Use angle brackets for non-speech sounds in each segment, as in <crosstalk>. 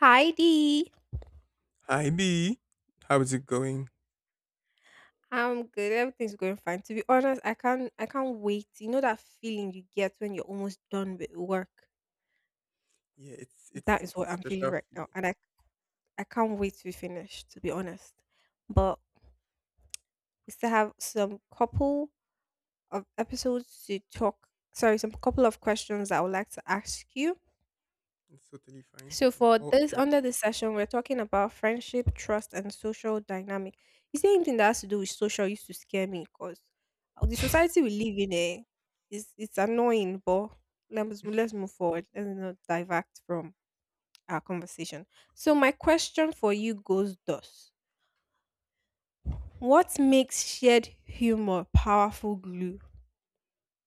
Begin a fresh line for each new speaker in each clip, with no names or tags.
Hi Dee.
Hi B, how is it going?
I'm good. Everything's going fine. To be honest, I can't wait. You know that feeling you get when you're almost done with work?
Yeah, it's it's
That is
it's a
what I'm feeling
special
right now.
feeling.
And I can't wait to be finished, to be honest. But we still have some couple of episodes to talk. Sorry, some couple of questions that I would like to ask you.
It's totally fine.
So
I'm
for
all
this
ears.
under this session, we're talking about friendship, trust, and social dynamic. Is there anything that has to do with social used to scare me because the society we live in is it's annoying, but let's move forward. Let's not divert from our conversation. So my question for you goes thus. What makes shared humor powerful glue?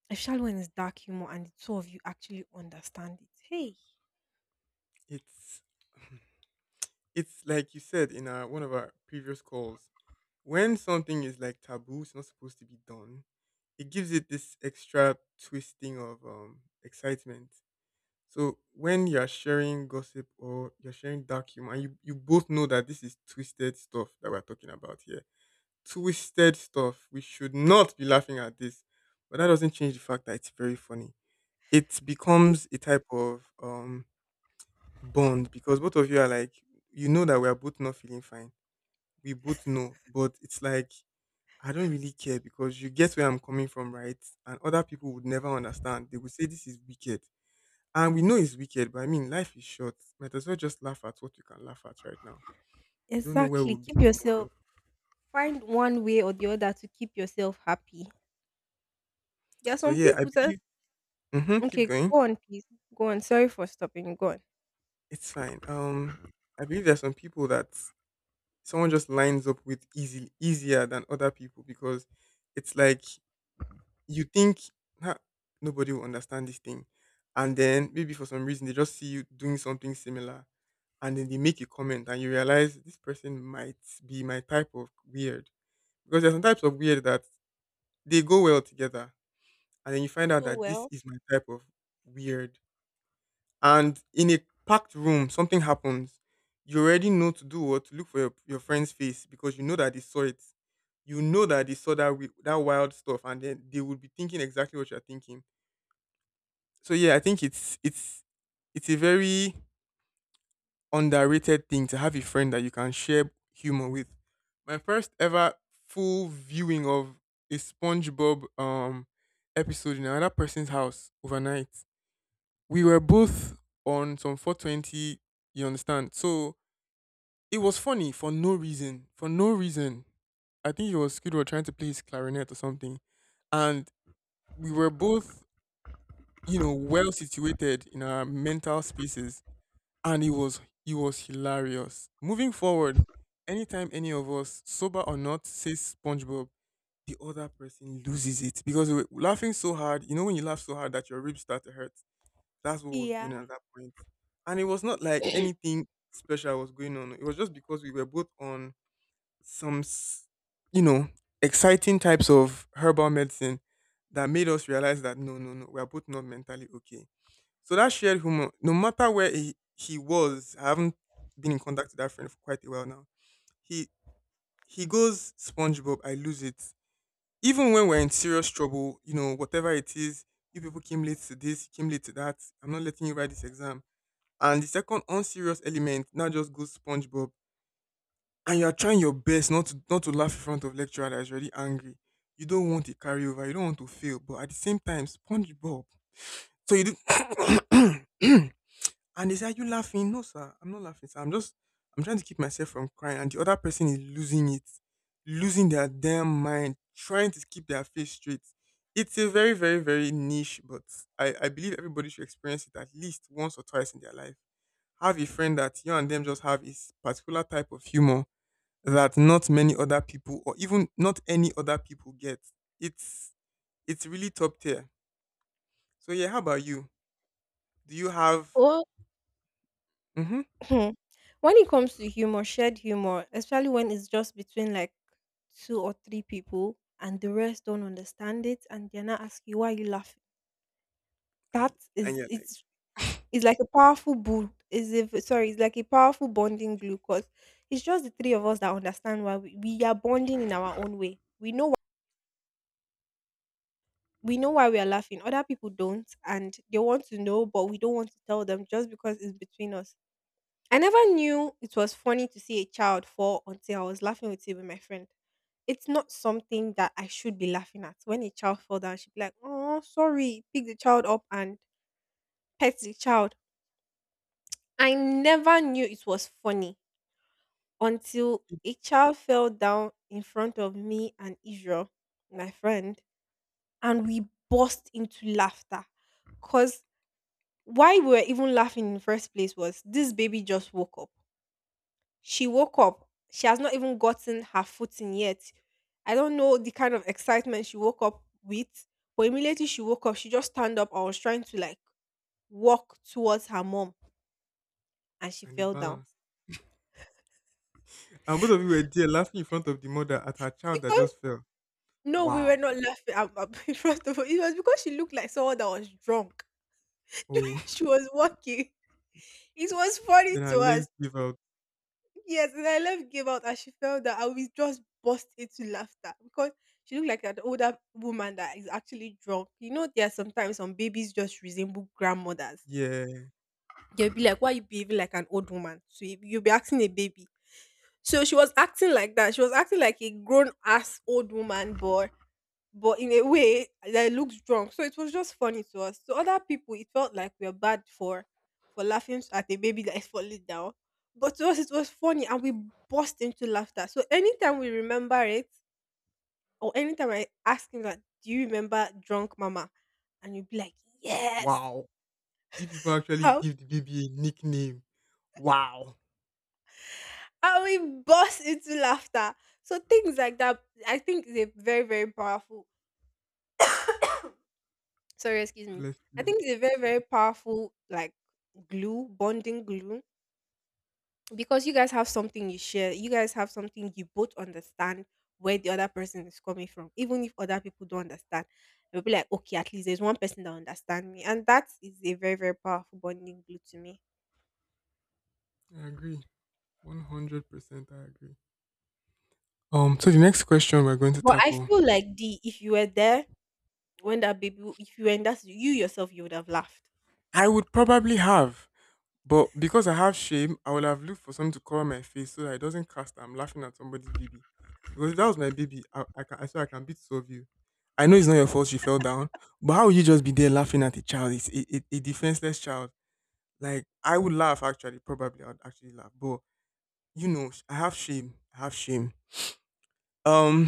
Especially when it's dark humor and the two of you actually understand it.
It's <sighs> <clears throat> it's like you said in our, one of our previous calls. When something is like taboo, it's not supposed to be done. It gives it this extra twisting of excitement. So when you're sharing gossip or you're sharing dark humor, and you both know that this is twisted stuff that we're talking about here, twisted stuff. We should not be laughing at this. But that doesn't change the fact that it's very funny. It
Hey,
becomes a type of bond because both of you are like, you know that we are both not feeling fine. We both know, but it's like I don't really care because you get where I'm coming from, right? And other people would never understand. They would say this is wicked. And we know it's wicked, but I mean life is short. Might as well just laugh at what you can laugh at right now. We don't know where
exactly.
we'll be
Keep
tomorrow.
yourself find one way or the other to keep yourself happy. There are
So
some
yeah, I
people that
believe. Mm-hmm, keep
okay,
going.
go on, please. Go on. Sorry for stopping. You. Go on.
It's fine. I believe there's some people that someone just lines up with easy easier than other people because it's like you think, "Nah, nobody will understand this thing," and then maybe for some reason they just see you doing something similar, and then they make a comment, and you realize this person might be my type of weird, because there's some types of weird that they go well together, and then you find out
So
that this
well.
is my type of weird. And in a packed room, something happens, you already know to do what, to look for your friend's face, because you know that they saw it. You know that they saw that that wild stuff, and then they would be thinking exactly what you're thinking. So yeah, I think it's it's a very underrated thing to have a friend that you can share humor with. My first ever full viewing of a SpongeBob episode in another person's house overnight, we were both on some 420, you understand? So it was funny for no reason. For no reason. I think it was Squidward trying to play his clarinet or something. And we were both, you know, well situated in our mental spaces. And it was hilarious. Moving forward, anytime any of us, sober or not, says SpongeBob, the other person loses it because we're laughing so hard. You know when you laugh so hard that your ribs start to hurt, that's what was going on
Yeah.
at that point. And it was not like anything special was going on. It was just because we were both on some, you know, exciting types of herbal medicine that made us realize that no, no, no, we are both not mentally okay. So that shared humor, no matter where he was, I haven't been in contact with that friend for quite a while now. He he goes SpongeBob, I lose it. Even when we're in serious trouble, you know, whatever it is, you people came late to this, you came late to that. I'm not letting you write this exam, and the second unserious element now just goes SpongeBob, and you are trying your best not to laugh in front of lecturer that is already angry. You don't want a carryover. You don't want to fail, but at the same time, SpongeBob. So you do. <coughs> And they say, "Are you laughing?" "No, sir, I'm not laughing, sir. I'm just I'm trying to keep myself from crying." And the other person is losing it, losing their damn mind, trying to keep their face straight. It's a very, very, very niche, but I believe everybody should experience it at least once or twice in their life. Have a friend that you and them just have is particular type of humor that not many other people or even not any other people get. It's it's really top tier. So yeah, how about you? Do you have
Or
mm-hmm,
<clears throat> when it comes to humor, shared humor, especially when it's just between like two or three people and the rest don't understand it and they're not asking you why you laughing.
and,
That
and
is
yeah,
it's like a powerful bond. Is if sorry, it's like a powerful bonding glue because it's just the three of us that understand why we are bonding in our own way. We know why we are laughing. Other people don't, and they want to know, but we don't want to tell them just because it's between us. I never knew it was funny to see a child fall until I was laughing with it with my friend. It's not something that I should be laughing at. When a child fell down, she'd be like, "Oh, sorry," pick the child up and pet the child. I never knew it was funny until a child fell down in front of me and Israel, my friend, and we burst into laughter because why we were even laughing in the first place was this baby just woke up. She woke up. She has not even gotten her footing yet. I don't know the kind of excitement she woke up with, but immediately she woke up, she just stand up. I was trying to like walk towards her mom and she
and the
fell down.
balance. And both of you were there laughing in front of the mother at her child that
Because
just fell.
no, we were
Wow.
not laughing. <laughs> First of all, it was because she looked like someone that was drunk.
Oh,
<laughs> She was walking. It was
<laughs>
funny
then her
to
legs
us.
give out.
Yes, and I left. Gave out and she fell down and we just burst into laughter because she looked like an older woman that is actually drunk. You know, there are sometimes some babies just resemble grandmothers.
Yeah.
They'll be like, why you behaving like an old woman? So you- you'll be asking a baby. So she was acting like that. She was acting like a grown ass old woman, but in a way I looked drunk. So it was just funny to us. To other people, it felt like we are bad for laughing at a baby that is falling down. But to us, it was funny, and we burst into laughter. So anytime we remember it, or anytime I ask him that, "Do you remember drunk mama?" And you'd be like, "Yes."
Wow. You people actually
How
give the baby a nickname. Wow.
how we burst into laughter. So things like that, I think, is a very very powerful. Sorry, excuse me.
Bless
I
you.
think it's a
It's
very
fine.
very powerful like glue bonding glue because you guys have something you share, you guys have something you both understand where the other person is coming from, even if other people don't understand. You'll be like okay, at least there's one person that understands me, and that is a very very powerful bonding glue to me.
I agree. 100% I agree. So the next question we're going to
But I
tackle,
feel like the if you were there when that baby if you were in that situ- you yourself you would have laughed
I would probably have. But because I have shame, I will have looked for something to cover my face so that it doesn't cast that I'm laughing at somebody's baby. Because if that was my baby, I swear I can beat two of you. I know it's not your fault she fell down, but how will you just be there laughing at a child? It's a defenseless child. Like I would laugh actually, probably I would actually laugh. But you know, I have shame. I have shame. Um,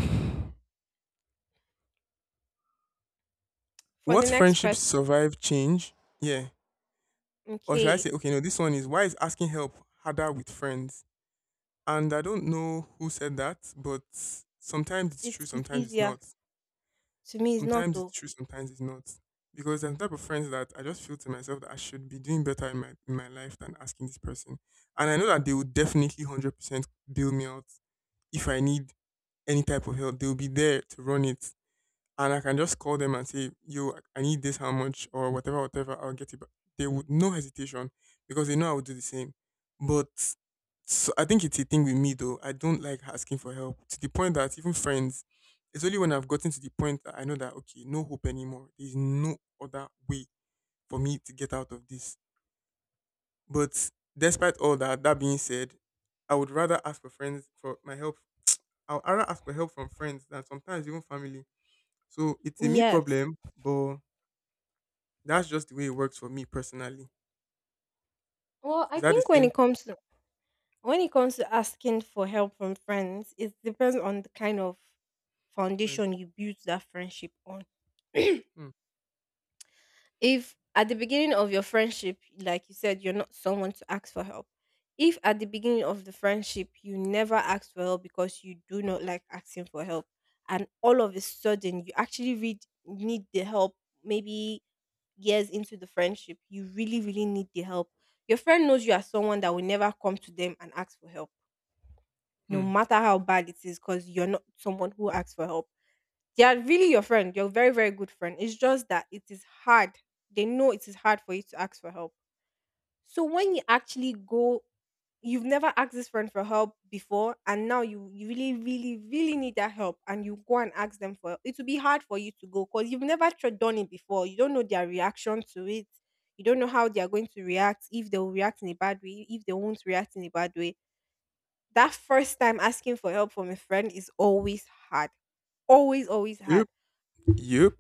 for
what
the next
friendships
question.
survive change? Yeah, or should I
Okay,
say, okay, no, this one is why is asking help harder with friends? And I don't know who said that, but sometimes it's true,
it's
sometimes it's
easier.
not.
To me it's not
Sometimes it's
though.
true, sometimes it's not. Because I'm the type of friends that I just feel to myself that I should be doing better in my life than asking this person. And I know that they will definitely 100% bail me out if I need any type of help. They'll be there to run it, and I can just call them and say, "Yo, I need this, how much, or whatever, whatever. I'll get it." But they would no hesitation because they know I would do the same. But so I think it's a thing with me though. I don't like asking for help to the point that even friends. It's only when I've gotten to the point that I know that okay, no hope anymore. There's no other way for me to get out of this. But despite all that, that being said, I would rather ask for friends for my help. I'll rather ask for help from friends than sometimes even family. So it's a me
Yes.
problem, but that's just the way it works for me personally.
Well, I
Is that the
think when
same
it comes to when it comes to asking for help from friends, it depends on the kind of foundation
friendship?
you build that friendship on. <clears throat>
Hmm.
If at the beginning of your friendship, like you said, you're not someone to ask for help. If at the beginning of the friendship you never ask for help because you do not like asking for help, and all of a sudden you actually read, need the help, maybe years into the friendship, you really, really need the help. Your friend knows you are someone that will never come to them and ask for help no
Hmm.
matter how bad it is, because you're not someone who asks for help. They are really your friend, your very, very good friend. It's just that it is hard. They know it is hard for you to ask for help. So when you actually go, you've never asked this friend for help before, and now you really, really, really need that help, and you go and ask them for help. It will be hard for you to go because you've never tr- done it before. You don't know their reaction to it. You don't know how they are going to react, if they will react in a bad way, if they won't react in a bad way. That first time asking for help from a friend is always hard. Always, always hard.
Yep. Yep.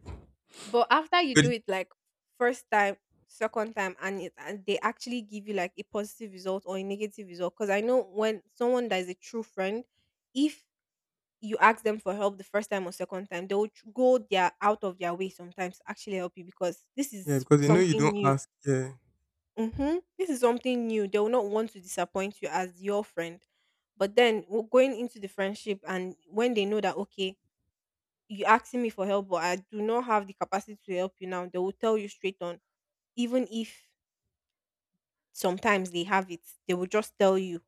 But after you
But
do
it-
it like first time, second time, and, it, and they actually give you like a positive result or a negative result. Because I know when someone that is a true friend, if you ask them for help the first time or second time, they will tr- go their out of their way sometimes to actually help you because this
yeah,
is
because they know you
something
don't
new.
ask. Yeah.
Mm-hmm. This is something new. They will not want to disappoint you as your friend. But then w- going into the friendship and when they know that, okay, you're asking me for help, but I do not have the capacity to help you now, they will tell you straight on. Even if sometimes they have it, they will just tell you,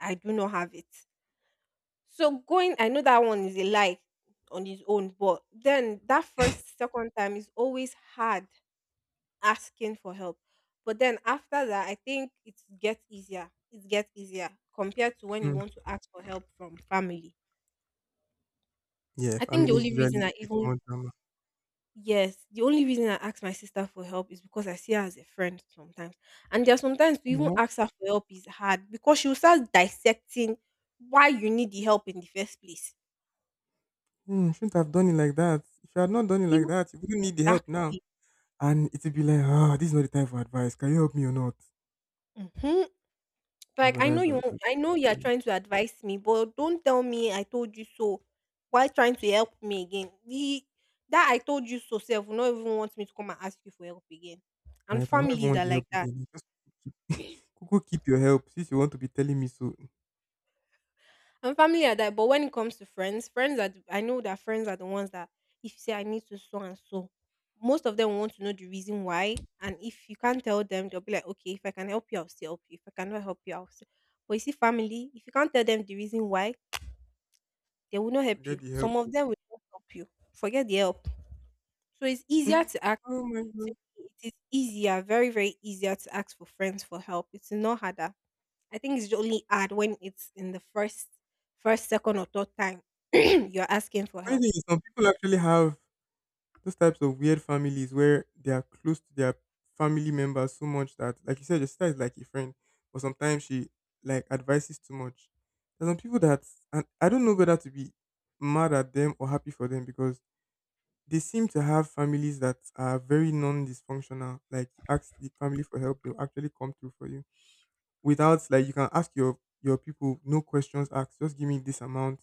I do not have it. So going, I know that one is a lie on his own, but then that first, second time is always hard asking for help. But then after that, I think it gets easier. It gets easier compared to when you
Mm.
want to ask for help from family.
Yeah,
I think
family
the
is
only
usually
reason
a
I
bit
even
more drama.
yes, the only reason I ask my sister for help is because I see her as a friend sometimes. And there are sometimes to even
What?
ask her for help is hard because she'll start dissecting why you need the help in the first place.
Mm, shouldn't have done it like that. If you had not done it like
Even
that, you wouldn't need the help now.
exactly.
And it'd be like, ah, this is not the time for advice. Can you help me or not?
Mhm.
My
Like I
brother
know
is
you
like
won't-
that.
I know you are
Mm,
trying to advise me, but don't tell me I told you so. Why trying to help me again? The that I told you so self will not even want me to come and ask you for help again. And
right? I will not even
families
want
are
the
like
help
that.
again. Just keep, go keep your help. Since you want to be telling me so,
And family are that. But when it comes to friends, friends are the- I know that friends are the ones that if you say I need to so and so, most of them want to know the reason why. And if you can't tell them, they'll be like, okay, if I can help you, I'll still help you. If I cannot help you, I'll still. But you see, family, if you can't tell them the reason why, they will not help
forget
you.
the help.
Some of them will not help you. Forget the help. So it's easier
<laughs>
to ask.
Oh my
To
god.
me, it is easier, very, very easier to ask for friends for help. It's not harder. I think it's only hard when it's in the first, first, second, or third time <clears throat> you're asking for
Why do
help.
you- some people actually have those types of weird families where they are close to their family members so much that, like you said, your sister is like a friend, but sometimes she like advises too much. There's some people that, and I don't know whether to be mad at them or happy for them because they seem to have families that are very non-dysfunctional. Like you ask the family for help, they'll actually come through for you without like you can ask your people no questions asked. Just give me this amount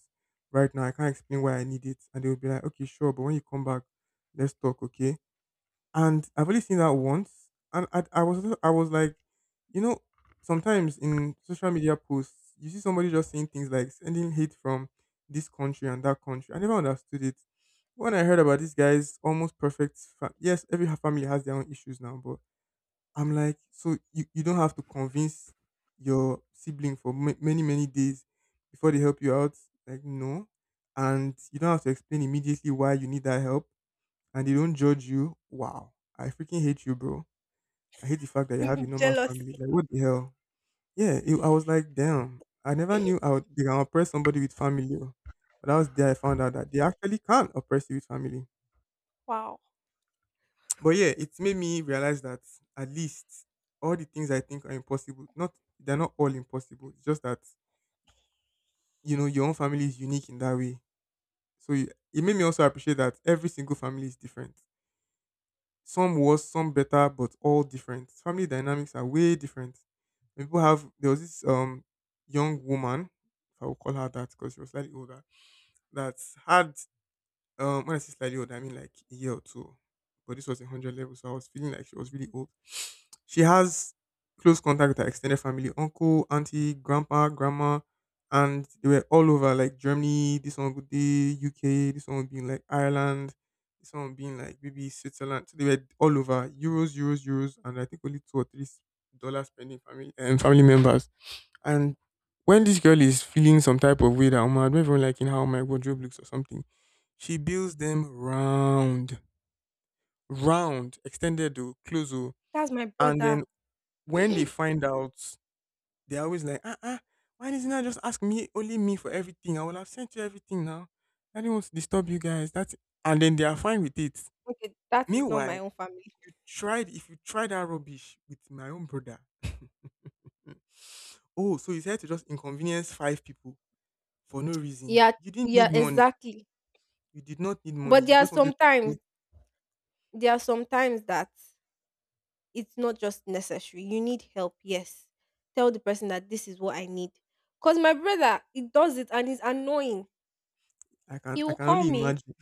right now. I can't explain why I need it, and they'll be like, okay, sure, but when you come back, let's talk, okay? And I've only seen that once, and I was like, you know, sometimes in social media posts, you see somebody just saying things like sending hate from this country and that country. I never understood it. When I heard about this guy's almost perfect, yes, every family has their own issues now, but I'm like, so you don't have to convince your sibling for many many days before they help you out. Like no, and you don't have to explain immediately why you need that help, and they don't judge you. Wow, I freaking hate you, bro. I hate the fact that you have a
<laughs>
normal family.
Jealousy.
Like, what the hell? Yeah, I was like, damn, I never knew I would, they can oppress somebody with family. Oh. But that was there I found out that they actually can oppress you with family.
Wow.
<tsk> But yeah, it made me realize that at least all the things I think are impossible, not they're not all impossible. It's just that you know your own family is unique in that way. So it made me also appreciate that every single family is different. Some worse, some better, but all different. Family dynamics are way different. When people have there was this young woman, if I will call her that because she was slightly older, that had when I say slightly old, I mean like a year or two. But this was a hundred level, so I was feeling like she was really old. <sniffs> She has close contact with her extended family, uncle, auntie, grandpa, grandma, and they were all over like Germany, this one would be UK, this one would be in like Ireland, this one would be in like maybe Switzerland. So they were all over Euros, Euros, Euros, and I think only two or three dollars spending family and family members. And when this girl is feeling some type of way that I don't even like in how my wardrobe looks or something, she builds them round, round, extended to close o.
That's my
And
brother.
then
<clears throat>
when they
Okay,
find out, they're always like, ah, ah, why didn't I just ask me, only me for everything? I would have sent you everything now. I didn't want to disturb you guys. That's and then they are fine with it.
that is not
Meanwhile,
my own family.
if you try that rubbish with my own brother. Mm. Oh, so you said to just inconvenience five people for no reason.
Yeah,
You didn't
yeah,
need money.
exactly.
You did not need money.
But
You just wanted to do.
there are sometimes that it's not just necessary. You need help, yes. Tell the person that this is what I need. Cause my brother, he does it and it's annoying. He
I
will
can
call
only
me.
imagine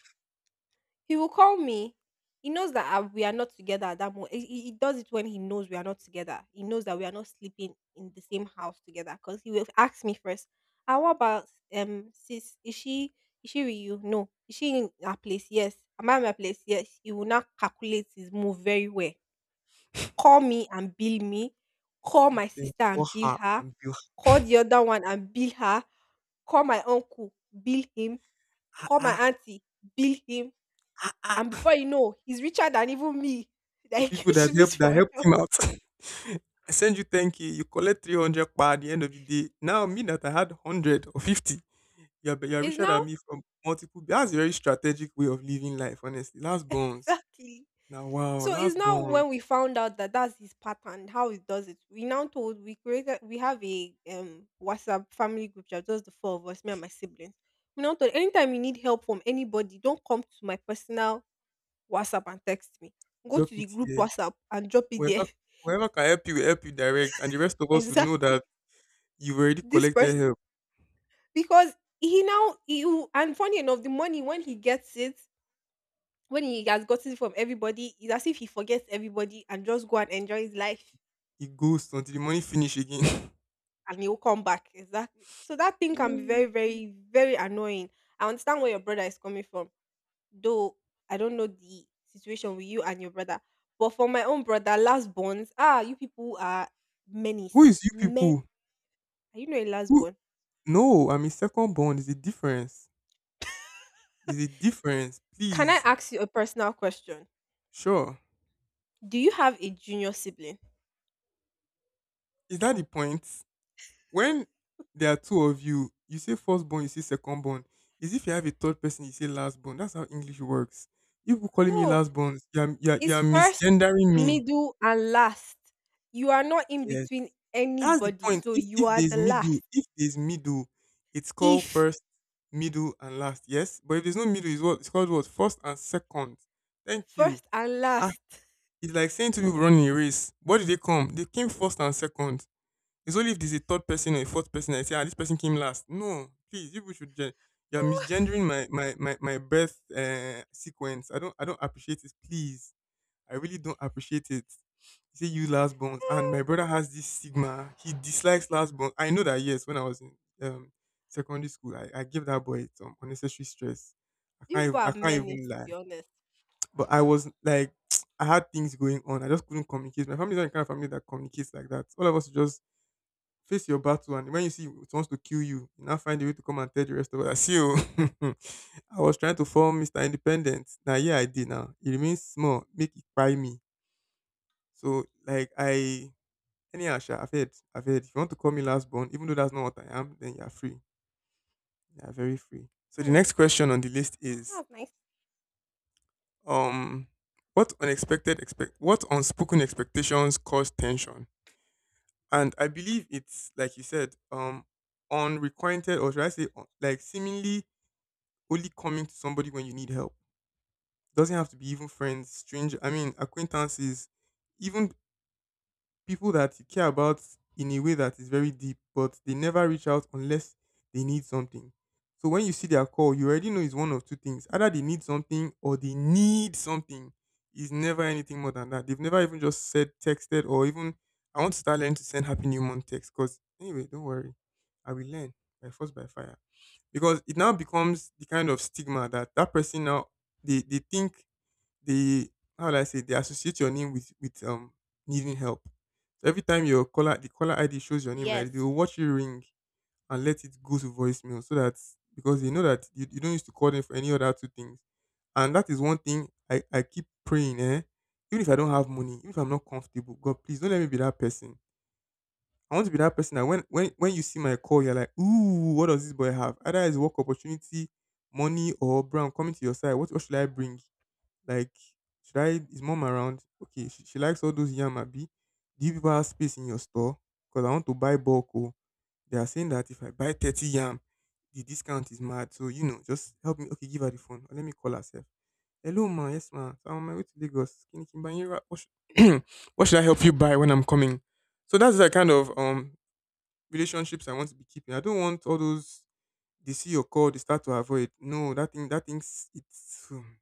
He will call me. He knows that we are not together at that moment. He does it when he knows we are not together. He knows that we are not sleeping in the same house together. Cause he will ask me first. Ah, what about sis? Is she with you? No. Is she in her place? Yes. Am I in my place? Yes. He will not calculate his move very well. Call me and bill me, call my
them
sister
for
and bill
her
her,
and
call the other one and bill her, call my uncle, bill him,
ah
call my
ah,
auntie, bill him,
<laughs> ah ah.
and before you know, he's richer than even me. <laughs>
The
Like
people
you should be
that
for
helped
help.
him out. <laughs> I send you 10K, you collect 300 pa at the end of the day. Now me that I had 100 or 50, you're
It's
richer than
now.
me from multiple. That's a very strategic way of living life, honestly. Last
<laughs>
bonds.
Exactly.
Now wow,
So it's
last
now
bonds.
when we found out that that's his pattern, how he does it. We now told we created we have a WhatsApp family group chat, just the four of us, me and my siblings. We now told, anytime you need help from anybody, don't come to my personal WhatsApp and text me. Go
Drop
to the
it
group <laughs>
here.
WhatsApp and drop it
Well,
there.
Whoever can help you, will help you direct, and the rest
<laughs>
of us will know that
Exactly.
you've already
This person,
collected help.
because he now you, and funny enough, the money when he gets it, when he has gotten it from everybody, it's as if he forgets everybody and just go and enjoy his life
It goes until the money finish again. <laughs>
and he'll come back. Exactly. So that thing can be
Mm.
very, very, very annoying. I understand where your brother is coming from. Though I don't know the situation with you and your brother. But for my own brother, last bonds, you people are
Who
menace.
is you
Men,
people?
are, you know, a last.
Who? No, I mean second bond is the difference. There's a difference,
Can I
please.
ask you a personal question?
Sure.
Do you have a junior sibling?
Is that the point? When there are two of you, you say firstborn, you say secondborn. Is if you have a third person, you say lastborn. That's how English works. You people calling me
No,
lastborn,
it's
you're
first,
misgendering me.
middle, and last. You are not in
Yes.
between
That's the
anybody,
point.
so you are the last.
If there's middle, it's called
If
first, middle, and last. Yes? But if there's no middle, it's what it's called what? First and second. Thank you.
first and
Ah,
last,
it's like saying two people running a race. What did they come? They came first and second. It's only if there's a third person or a fourth person I say, ah, this person came last. No, please, people should. You're
<laughs>
misgendering my birth sequence. I don't appreciate it. Please, I really don't appreciate it. You say you last born, and my brother has this stigma. He dislikes last born. I know that, yes. When I was in um secondary school, I gave that boy some unnecessary stress.
you people
I
are
can't even
menace, to
lie.
be honest.
But I was like, <tsk> I had things going on. I just couldn't communicate. My family's not the kind of family that communicates like that. All of us just face your battle, and when you see it wants to kill you, you now find a way to come and tell the rest of us. <laughs> "I see you. <laughs> I was trying to form Mr. Independent. Now, yeah, I did. Now it remains small. Make it by me. So, like, I anyhow, sha, I've heard. If you want to call me last born, even though that's not what I am, then you are free. You are very free. So the
Hmm,
next question on the list is,
that's nice.
um, what unspoken expectations cause tension? And I believe it's like you said, unrequited or should I say, like seemingly only coming to somebody when you need help. Doesn't have to be even friends, stranger. I mean, acquaintances, even people that you care about in a way that is very deep, but they never reach out unless they need something. So when you see their call, you already know it's one of two things: either they need something or they need something. It's never anything more than that. They've never even just said, texted, or even I want to start learning to send happy new month text. Cause anyway, don't worry, I will learn by force by fire, because it now becomes the kind of stigma that that person now they think they, how do I say, they associate your name with needing help. So every time your caller the caller ID shows your name, like they
Yes,
will watch you ring and let it go to voicemail so that because they know that you don't used to call them for any other two things. And that is one thing I keep praying, eh? Even if I don't have money, even if I'm not comfortable, God please don't let me be that person. I want to be that person that when you see my call, you're like, ooh, what does this boy have? Either it's work opportunity, money, or bro, coming to your side. What should I bring? Like, should I, is mom around? Okay, she likes all those yam. Yamabi. Do you people have space in your store? Because I want to buy bulk. Oh, they are saying that if I buy 30 yam, the discount is mad. So, you know, just help me. Okay, give her the phone. Or let me call herself. Hello, ma. Yes, ma. So I'm on my way to Lagos. Can you can buy you what should, <clears throat> what should I help you buy when I'm coming? So that's the kind of relationships I want to be keeping. I don't want all those they see your call, they start to avoid. No, that thing's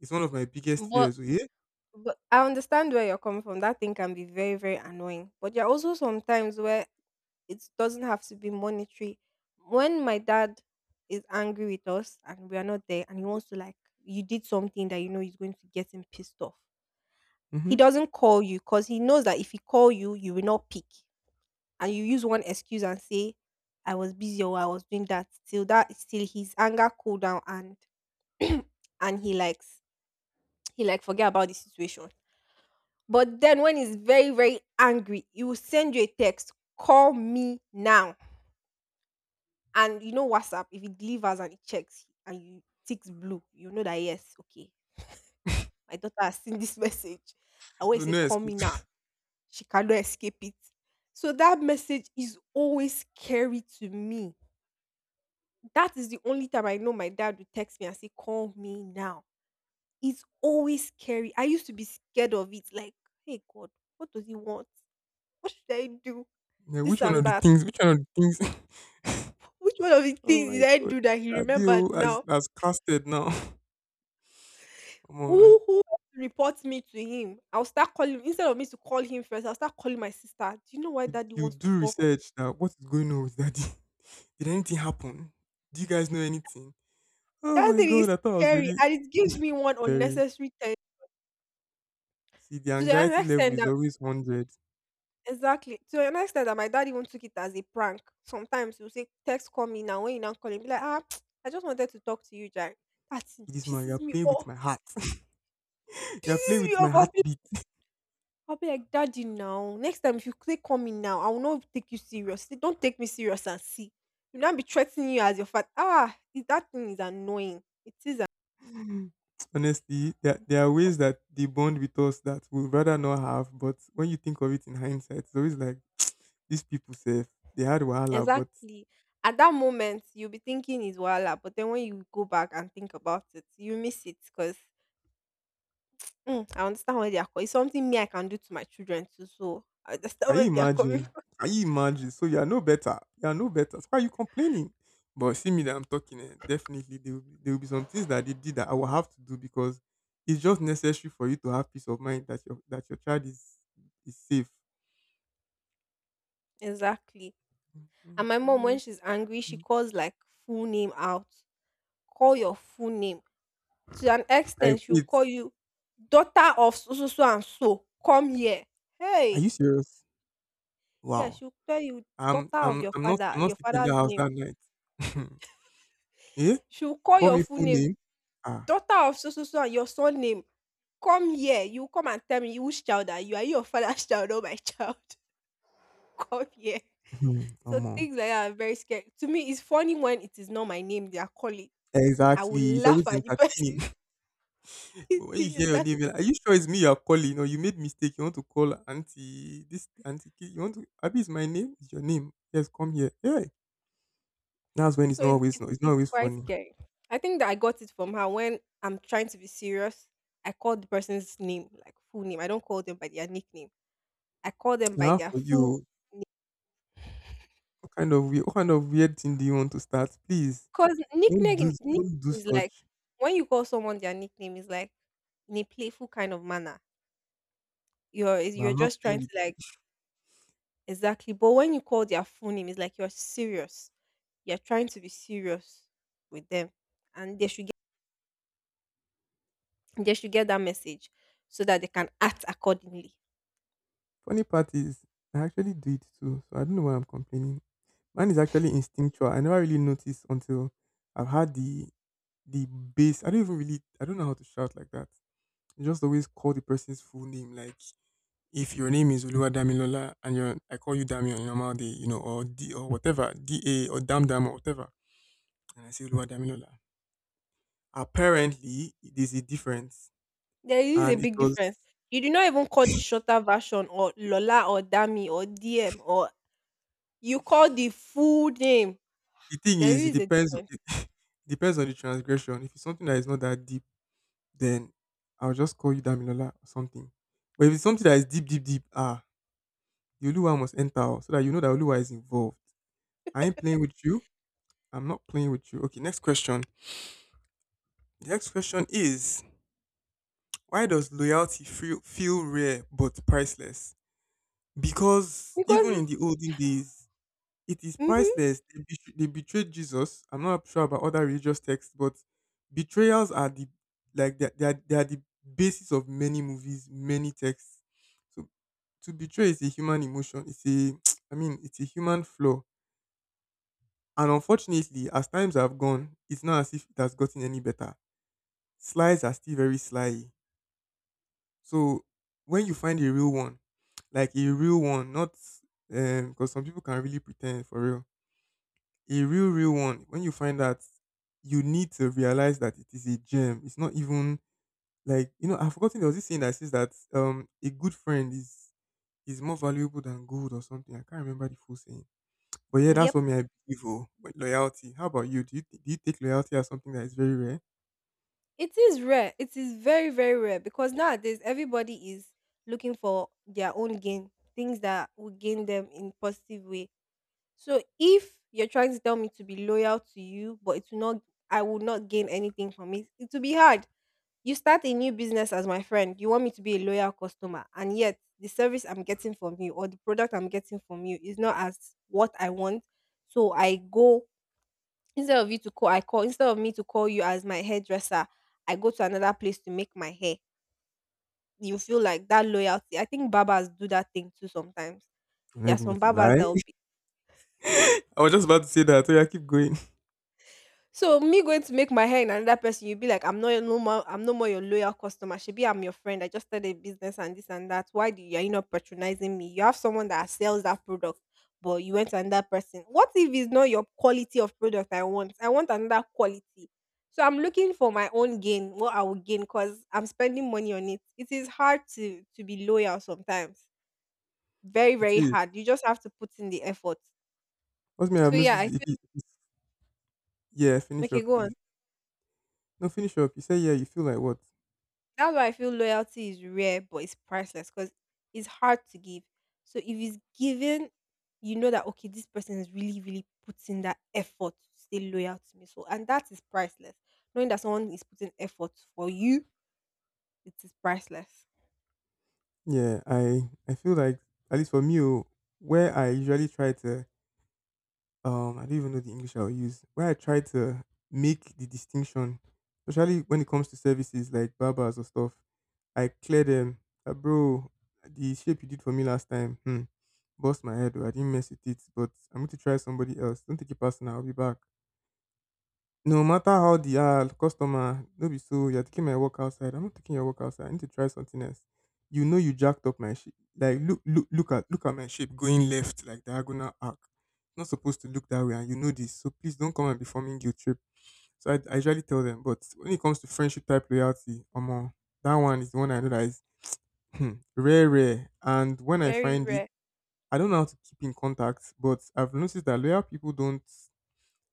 it's one of my biggest
but
fears. Oh. Yeah?
But I understand where you're coming from. That thing can be very, very annoying. But there are also some times where it doesn't have to be monetary. When my dad is angry with us and we are not there and he wants to, like, you did something that you know is going to get him pissed off. He
Mm-hmm.
doesn't call you because he knows that if he call you, you will not pick. And you use one excuse and say, I was busy or I was doing that till his anger cool down and <clears throat> and he like forget about the situation. But then when he's very, very angry, he will send you a text, call me now. And you know WhatsApp, if it delivers and it checks and you ticks blue, you know that yes, okay, my daughter has seen this <laughs> message. I always
So
say,
no
call
excuse.
me now.
<laughs>
She cannot escape it. So that message is always scary to me. That is the only time I know my dad would text me and say, call me now. It's always scary. I used to be scared of it. Like, hey God, what does he want? What should I do?
Now,
This
which one
and
of the
that.
things? Which one of the things? <laughs>
Which one of the
Oh
things
my
did I
god.
do that he remembered
Abio
now?
has casted now. <laughs> Come on.
Who reports me to him? I'll start calling, instead of me to call him first, I'll start calling my sister. Do you know why daddy
You
wants to
do
talk to you?
research that what is going on with daddy? <laughs> Did anything happen? Do you guys know anything? Oh
That
my
thing
god,
is
I thought I was
scary
really
and it gives me one
very,
unnecessary tension.
see the
To the an
anxiety level
extent
is
that
always 100. See,
exactly to an extent that my dad even took it as a prank. Sometimes he'll say, text, call me now. When you now call him, be like, <tsk> I just wanted to talk to you, Jack. That thing
this man, you're
pisses me
playing with
off.
my heart. <laughs> You're playing
Pisses me
with my
off.
heartbeat.
I'll be like, Daddy, now. Next time, if you click on me now, I will not take you seriously. Don't take me serious and see. You not be threatening you as your father. Is that thing is annoying.
<sniffs> <laughs> Honestly, there are ways that they bond with us that we would rather not have, but when you think of it in hindsight, it's always like these people say they had wahala, but
Exactly. At that moment, you'll be thinking is voila, but then when you go back and think about it, you miss it because I understand where they are coming. It's something me I can do to my children too. So I understand
can you
where they are coming
imagine?
<laughs> from.
Can you imagine? So you are no better. You are no better. So why are you complaining? But see me that I'm talking, eh, definitely there will be some things that they did that I will have to do because it's just necessary for you to have peace of mind that your child is safe.
Exactly. And my mom,
Mhm.
when she's angry, she calls like full name out. Call your full name. To an
Like
extent, she will
wait,
call you daughter of so, so, so and so, come here.
are
Hey!
you serious?
Yeah,
Wow.
she'll tell you daughter of your
I'm
father,
not
your
sleeping in the
father's
house
name.
that night. <laughs> Eh?
She'll call
Call
your
me
full
full
name,
name. Ah,
daughter of so, so, so and your son name. Come here. You come and tell me, which child are you? Are you your father's <laughs> child or my child? <laughs> Come here.
<laughs>
So
come on.
things like that are very scary. To me, it's funny when it is not my name they are calling. I will
Exactly. It's
laugh
always
at the
entertaining.
person.
But when you hear your name,
<laughs>
you're like, are you sure it's me you're calling? Or you made mistake. You want to call auntie this auntie you want to Abby is my name, it's your name. Yes, come here. Yeah. That's when
So it's it's
it's not
it's
always
quite
funny.
scary. I think that I got it from her. When I'm trying to be serious, I call the person's name, like full name. I don't call them by their nickname. I call them by
Now
their
for
full.
you, what kind of weird thing do you want to start? Please,
Cause nickname
don't
nickname
do
is like,
such.
when you call someone their nickname is like in a playful kind of manner. You're is-
But
you're
I'm not
just
playing
trying to
with you.
like, exactly. But when you call their full name, it's like you're serious. You're trying to be serious with them, and they should get that message so that they can act accordingly.
Funny part is I actually do it too. So I don't know why I'm complaining. Mine is actually instinctual. I never really noticed until I've had the bass. I don't know how to shout like that. You just always call the person's full name. Like if your name is Oluwadamilola, and you're I call you Dami on a normal day, you know, or D or whatever, D A or Dam Dam or whatever. And I say Oluwadamilola. Apparently there's a difference.
There is a
And it
big
was,
difference. You do not even call the shorter version or Lola or Dami or DM or you call the full name.
the thing
There
is, it
is a
depends, <laughs>
difference
it depends on the transgression. If it's something that is not that deep, then I'll just call you Damilola or something. But if it's something that is deep, deep, deep, ah, the Oluwa must enter oh, so that you know that Oluwa is involved. I ain't playing with you. I'm not playing with you. Okay, next question. The next question is why does feel rare but priceless? Because
because
even
it,
in the olden days, it is
mm-hmm,
priceless. They betrayed Jesus. I'm not sure about other religious texts, but betrayals are the, they are the basis of many movies, many texts. So to betray is a human emotion. It's a <tsk> I mean it's a human flaw. And unfortunately, as times have gone, it's not as if it has gotten any better. Slies are still very sly. So when you find a real one, like a real one, not because some people can really pretend for real. A real, real one, when you find that, you need to realize that it is a gem. It's not even I've forgotten, there was this saying that says that a good friend is more valuable than gold or something. I can't remember the full saying. But yeah, that's
yep,
what me I believe. Oh, but loyalty. How about you? Do you take loyalty as something that is very rare?
it is rare. It is very, very rare because nowadays everybody is looking for their own gain, things that will gain them in positive way. So if you're trying to tell me to be loyal to you, but it will not, I will not gain anything from it. It will be hard. You start a new business as my friend. You want me to be a loyal customer, and yet the service I'm getting from you or the product I'm getting from you is not as what I want. So I go, instead of you to call, I call, instead of me to call you as my hairdresser, I go to another place to make my hair. You feel like that loyalty. I think barbers do that thing too sometimes.
I'm not
There are
even going
some
to
barbers
lie.
that will.
<laughs> I was just about to say that. So yeah, keep going. <laughs>
So me going to make my hair in another person, you'll be like, I'm not your no more, I'm no more your loyal customer. She be I'm your friend. I just started a business and this and that. Why do you, are you not patronizing me? You have someone that sells that product, but you went to another person. What if it's not your quality of product I want? I want another quality. So I'm looking for my own gain, what I will gain, because I'm spending money on it. It is hard to be loyal sometimes. Very,
It
very
is.
hard. You just have to put in the effort.
What may I have
So
noticed
yeah,
is
I
if
feel,
it is, yeah, finish
okay,
up,
go
please.
on.
No, finish up. You say yeah, you feel like what?
That's why I feel loyalty is rare, but it's priceless because it's hard to give. So if it's given, you know that okay, this person is really, really putting that effort to stay loyal to me. So and that is priceless. Knowing that someone is putting effort for you, it is priceless.
Yeah, I feel like, at least for me, oh, where I usually try to I don't even know the English I'll use. Where I try to make the distinction, especially when it comes to services like barbers or stuff, I clear them. That bro, the shape you did for me last time, hmm, bust my head. Oh, I didn't mess with it, but I'm going to try somebody else. Don't take it personal. I'll be back. No matter how the ah, customer, no be so you're taking my work outside. I'm not taking your work outside. I need to try something else. You know you jacked up my shape. Like look at my shape going left like diagonal arc. It's not supposed to look that way and you know this. So please don't come and be forming guilt trip. So I usually tell them, but when it comes to friendship type loyalty, that one is the one I know that is, hmm, rare, rare. And when I
Very
find it,
rare.
I don't know how to keep in contact, but I've noticed that loyal people don't,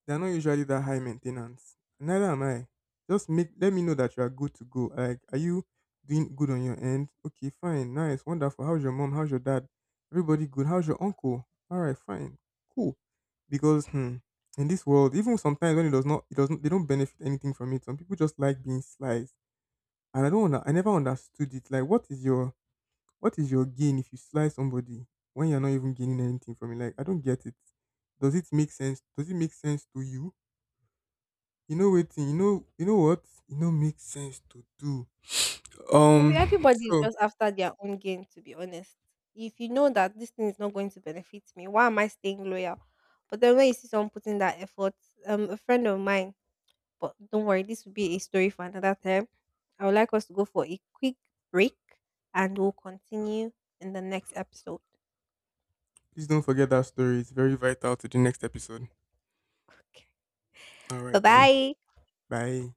they're not usually that high maintenance. Neither am I. Just make, let me know that you are good to go. Like, are you doing good on your end? Okay, fine, nice, wonderful. How's your mom? How's your dad? Everybody good? How's your uncle? All right, fine, cool. Because hmm, in this world, even sometimes when it does not, it doesn't, they don't benefit anything from it. Some people just like being sliced, and I don't, under, I never understood it. Like, what is your gain if you slice somebody when you're not even gaining anything from it? Like, I don't get it. Does it make sense? Does it make sense to you? You know waiting, you know what? You know makes sense to do.
I mean,
Um
everybody is
so
just after their own gain, to be honest. If you know that this thing is not going to benefit me, why am I staying loyal? But then when you see someone putting that effort, a friend of mine. But don't worry, this will be a story for another time. I would like us to go for a quick break and we'll continue in the next episode.
please don't forget that story. It's very vital to the next episode.
Okay.
All
Bye
right then.
bye.
Bye.